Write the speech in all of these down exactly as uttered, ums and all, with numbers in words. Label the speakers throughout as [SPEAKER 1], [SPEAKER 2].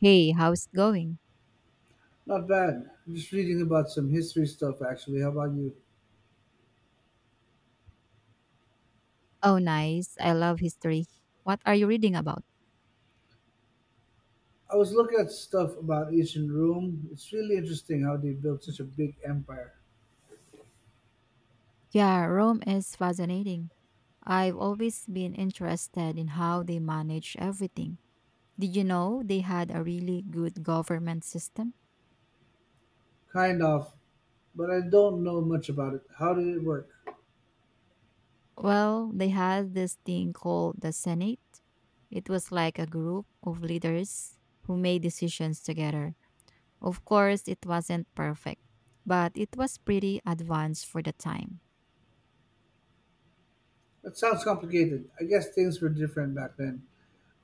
[SPEAKER 1] Hey, how's it going?
[SPEAKER 2] Not bad. Just reading about some history stuff actually. How about you?
[SPEAKER 1] Oh, nice. I love history. What are you reading about?
[SPEAKER 2] I was looking at stuff about ancient Rome. It's really interesting how they built such a big empire.
[SPEAKER 1] Yeah, Rome is fascinating. I've always been interested in how they manage everything. Did you know they had a really good government system?
[SPEAKER 2] Kind of, but I don't know much about it. How did it work?
[SPEAKER 1] Well, they had this thing called the Senate. It was like a group of leaders who made decisions together. Of course, it wasn't perfect, but it was pretty advanced for the time.
[SPEAKER 2] That sounds complicated. I guess things were different back then.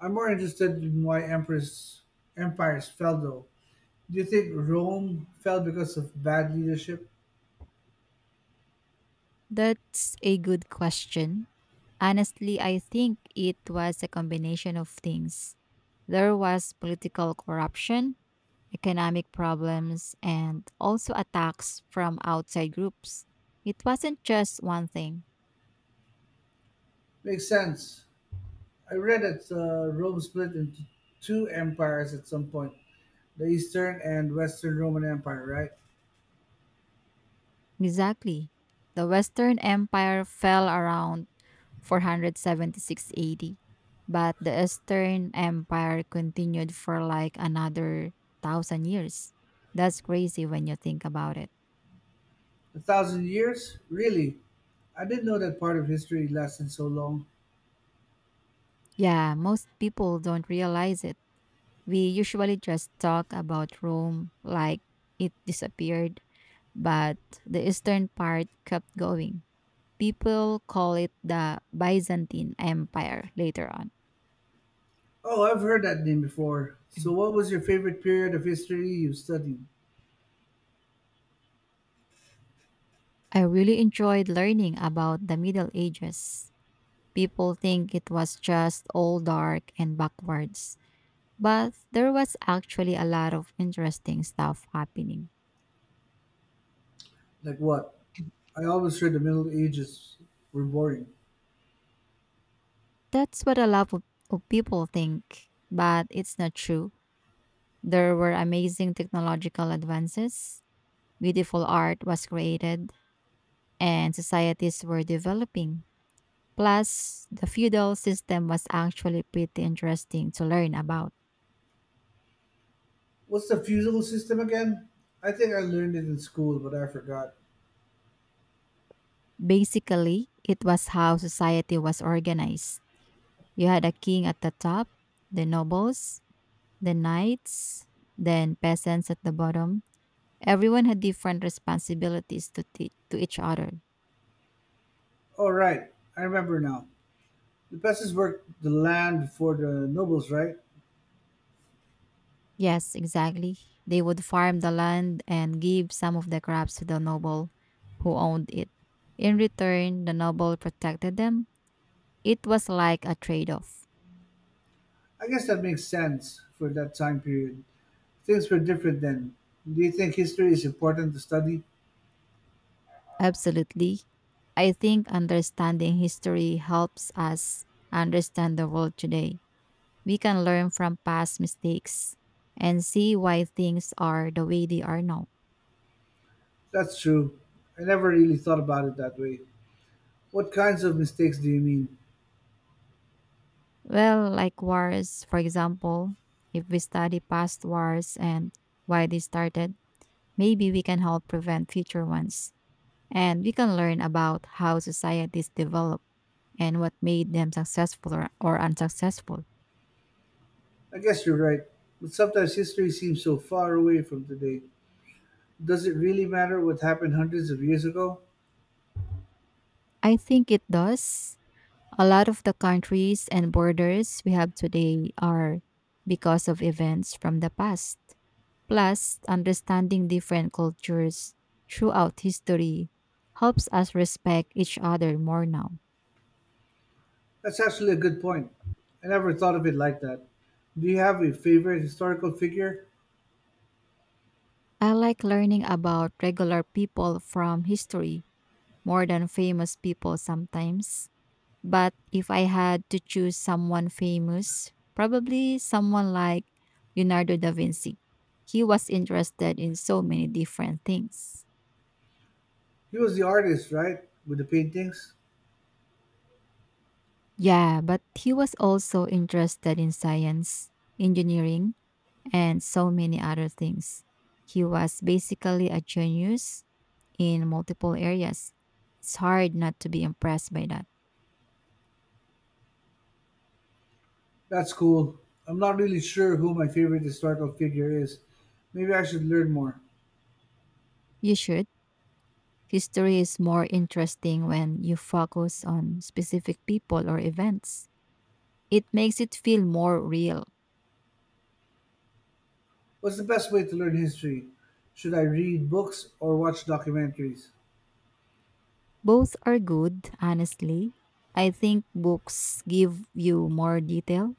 [SPEAKER 2] I'm more interested in why emperors empires fell though. Do you think Rome fell because of bad leadership?
[SPEAKER 1] That's a good question. Honestly, I think it was a combination of things. There was political corruption, economic problems, and also attacks from outside groups. It wasn't just one thing.
[SPEAKER 2] Makes sense. I read that uh, Rome split into two empires at some point. The Eastern and Western Roman Empire, right?
[SPEAKER 1] Exactly. The Western Empire fell around four hundred seventy-six A D, but the Eastern Empire continued for like another thousand years. That's crazy when you think about it.
[SPEAKER 2] A thousand years? Really? I didn't know that part of history lasted so long.
[SPEAKER 1] Yeah, most people don't realize it We usually just talk about Rome like it disappeared, but the eastern part kept going. People call it the Byzantine Empire later on.
[SPEAKER 2] Oh, I've heard that name before. So, what was your favorite period of history you studied?
[SPEAKER 1] I really enjoyed learning about the Middle Ages. People think it was just all dark and backwards, but there was actually a lot of interesting stuff happening.
[SPEAKER 2] Like what? I always heard the Middle Ages were boring.
[SPEAKER 1] That's what a lot of, of people think, but it's not true There were amazing technological advances, beautiful art was created, and societies were developing. Plus, the feudal system was actually pretty interesting to learn about.
[SPEAKER 2] What's the feudal system again? I think I learned it in school, but I forgot.
[SPEAKER 1] Basically, it was how society was organized. You had a king at the top, the nobles, the knights, then peasants at the bottom. Everyone had different responsibilities to, t- to each other.
[SPEAKER 2] Oh, right. I remember now. The peasants worked the land for the nobles, right?
[SPEAKER 1] Yes, exactly. They would farm the land and give some of the crops to the noble who owned it. In return, the noble protected them. It was like a trade off.
[SPEAKER 2] I guess that makes sense for that time period. Things were different then. Do you think history is important to study?
[SPEAKER 1] Absolutely. I think understanding history helps us understand the world today. We can learn from past mistakes and see why things are the way they are now.
[SPEAKER 2] That's true. I never really thought about it that way. What kinds of mistakes do you mean?
[SPEAKER 1] Well, like wars, for example, if we study past wars and why they started, maybe we can help prevent future ones. And we can learn about how societies develop and what made them successful or, or unsuccessful.
[SPEAKER 2] I guess you're right. But sometimes history seems so far away from today. Does it really matter what happened hundreds of years ago?
[SPEAKER 1] I think it does. A lot of the countries and borders we have today are because of events from the past. Plus, understanding different cultures throughout history helps us respect each other more now.
[SPEAKER 2] That's actually a good point. I never thought of it like that. Do you have a favorite historical figure?
[SPEAKER 1] I like learning about regular people from history more than famous people sometimes. But if I had to choose someone famous, probably someone like Leonardo da Vinci. He was interested in so many different things.
[SPEAKER 2] He was the artist, right? With the paintings?
[SPEAKER 1] Yeah, but he was also interested in science, engineering, and so many other things. He was basically a genius in multiple areas. It's hard not to be impressed by that.
[SPEAKER 2] That's cool. I'm not really sure who my favorite historical figure is. Maybe I should learn more.
[SPEAKER 1] You should. History is more interesting when you focus on specific people or events. It makes it feel more real.
[SPEAKER 2] What's the best way to learn history? Should I read books or watch documentaries?
[SPEAKER 1] Both are good, honestly. I think books give you more detail,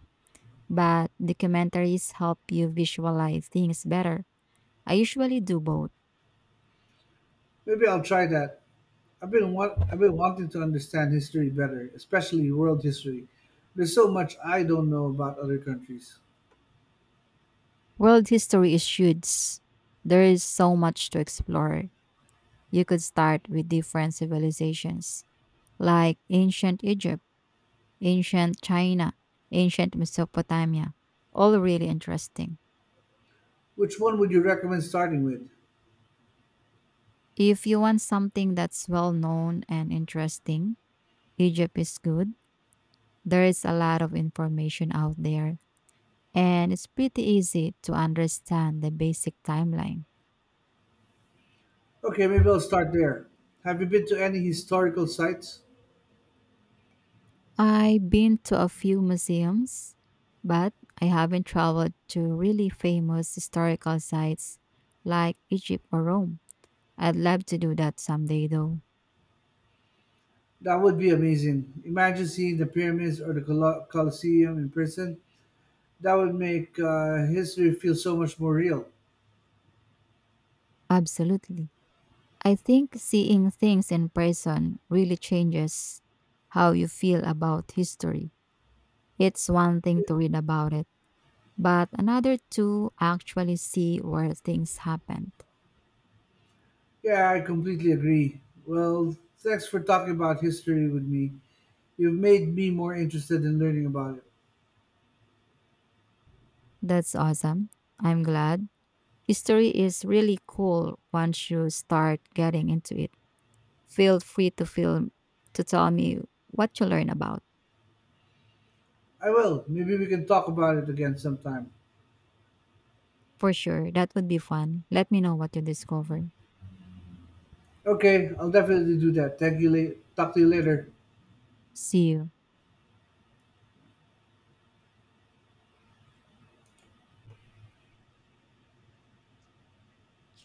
[SPEAKER 1] but documentaries help you visualize things better. I usually do both.
[SPEAKER 2] Maybe I'll try that. I've been want, I've been wanting to understand history better, especially world history. There's so much I don't know about other countries.
[SPEAKER 1] World history is huge. There is so much to explore. You could start with different civilizations, like ancient Egypt, ancient China, ancient Mesopotamia. All really interesting.
[SPEAKER 2] Which one would you recommend starting with?
[SPEAKER 1] If you want something that's well known and interesting, Egypt is good. There is a lot of information out there, and it's pretty easy to understand the basic timeline.
[SPEAKER 2] Okay, maybe I'll start there. Have you been to any historical sites?
[SPEAKER 1] I've been to a few museums, but I haven't traveled to really famous historical sites like Egypt or Rome. I'd love to do that someday, though.
[SPEAKER 2] That would be amazing. Imagine seeing the pyramids or the Colo- Colosseum in person. That would make uh, history feel so much more real.
[SPEAKER 1] Absolutely. I think seeing things in person really changes how you feel about history. It's one thing to read about it, but another to actually see where things happened.
[SPEAKER 2] Yeah, I completely agree. Well, thanks for talking about history with me. You've made me more interested in learning about it.
[SPEAKER 1] That's awesome. I'm glad. History is really cool once you start getting into it. Feel free to film to tell me what you learn about.
[SPEAKER 2] I will. Maybe we can talk about it again sometime.
[SPEAKER 1] For sure, that would be fun. Let me know what you discover.
[SPEAKER 2] Okay, I'll definitely do that. Thank you. La- talk to you later.
[SPEAKER 1] See you.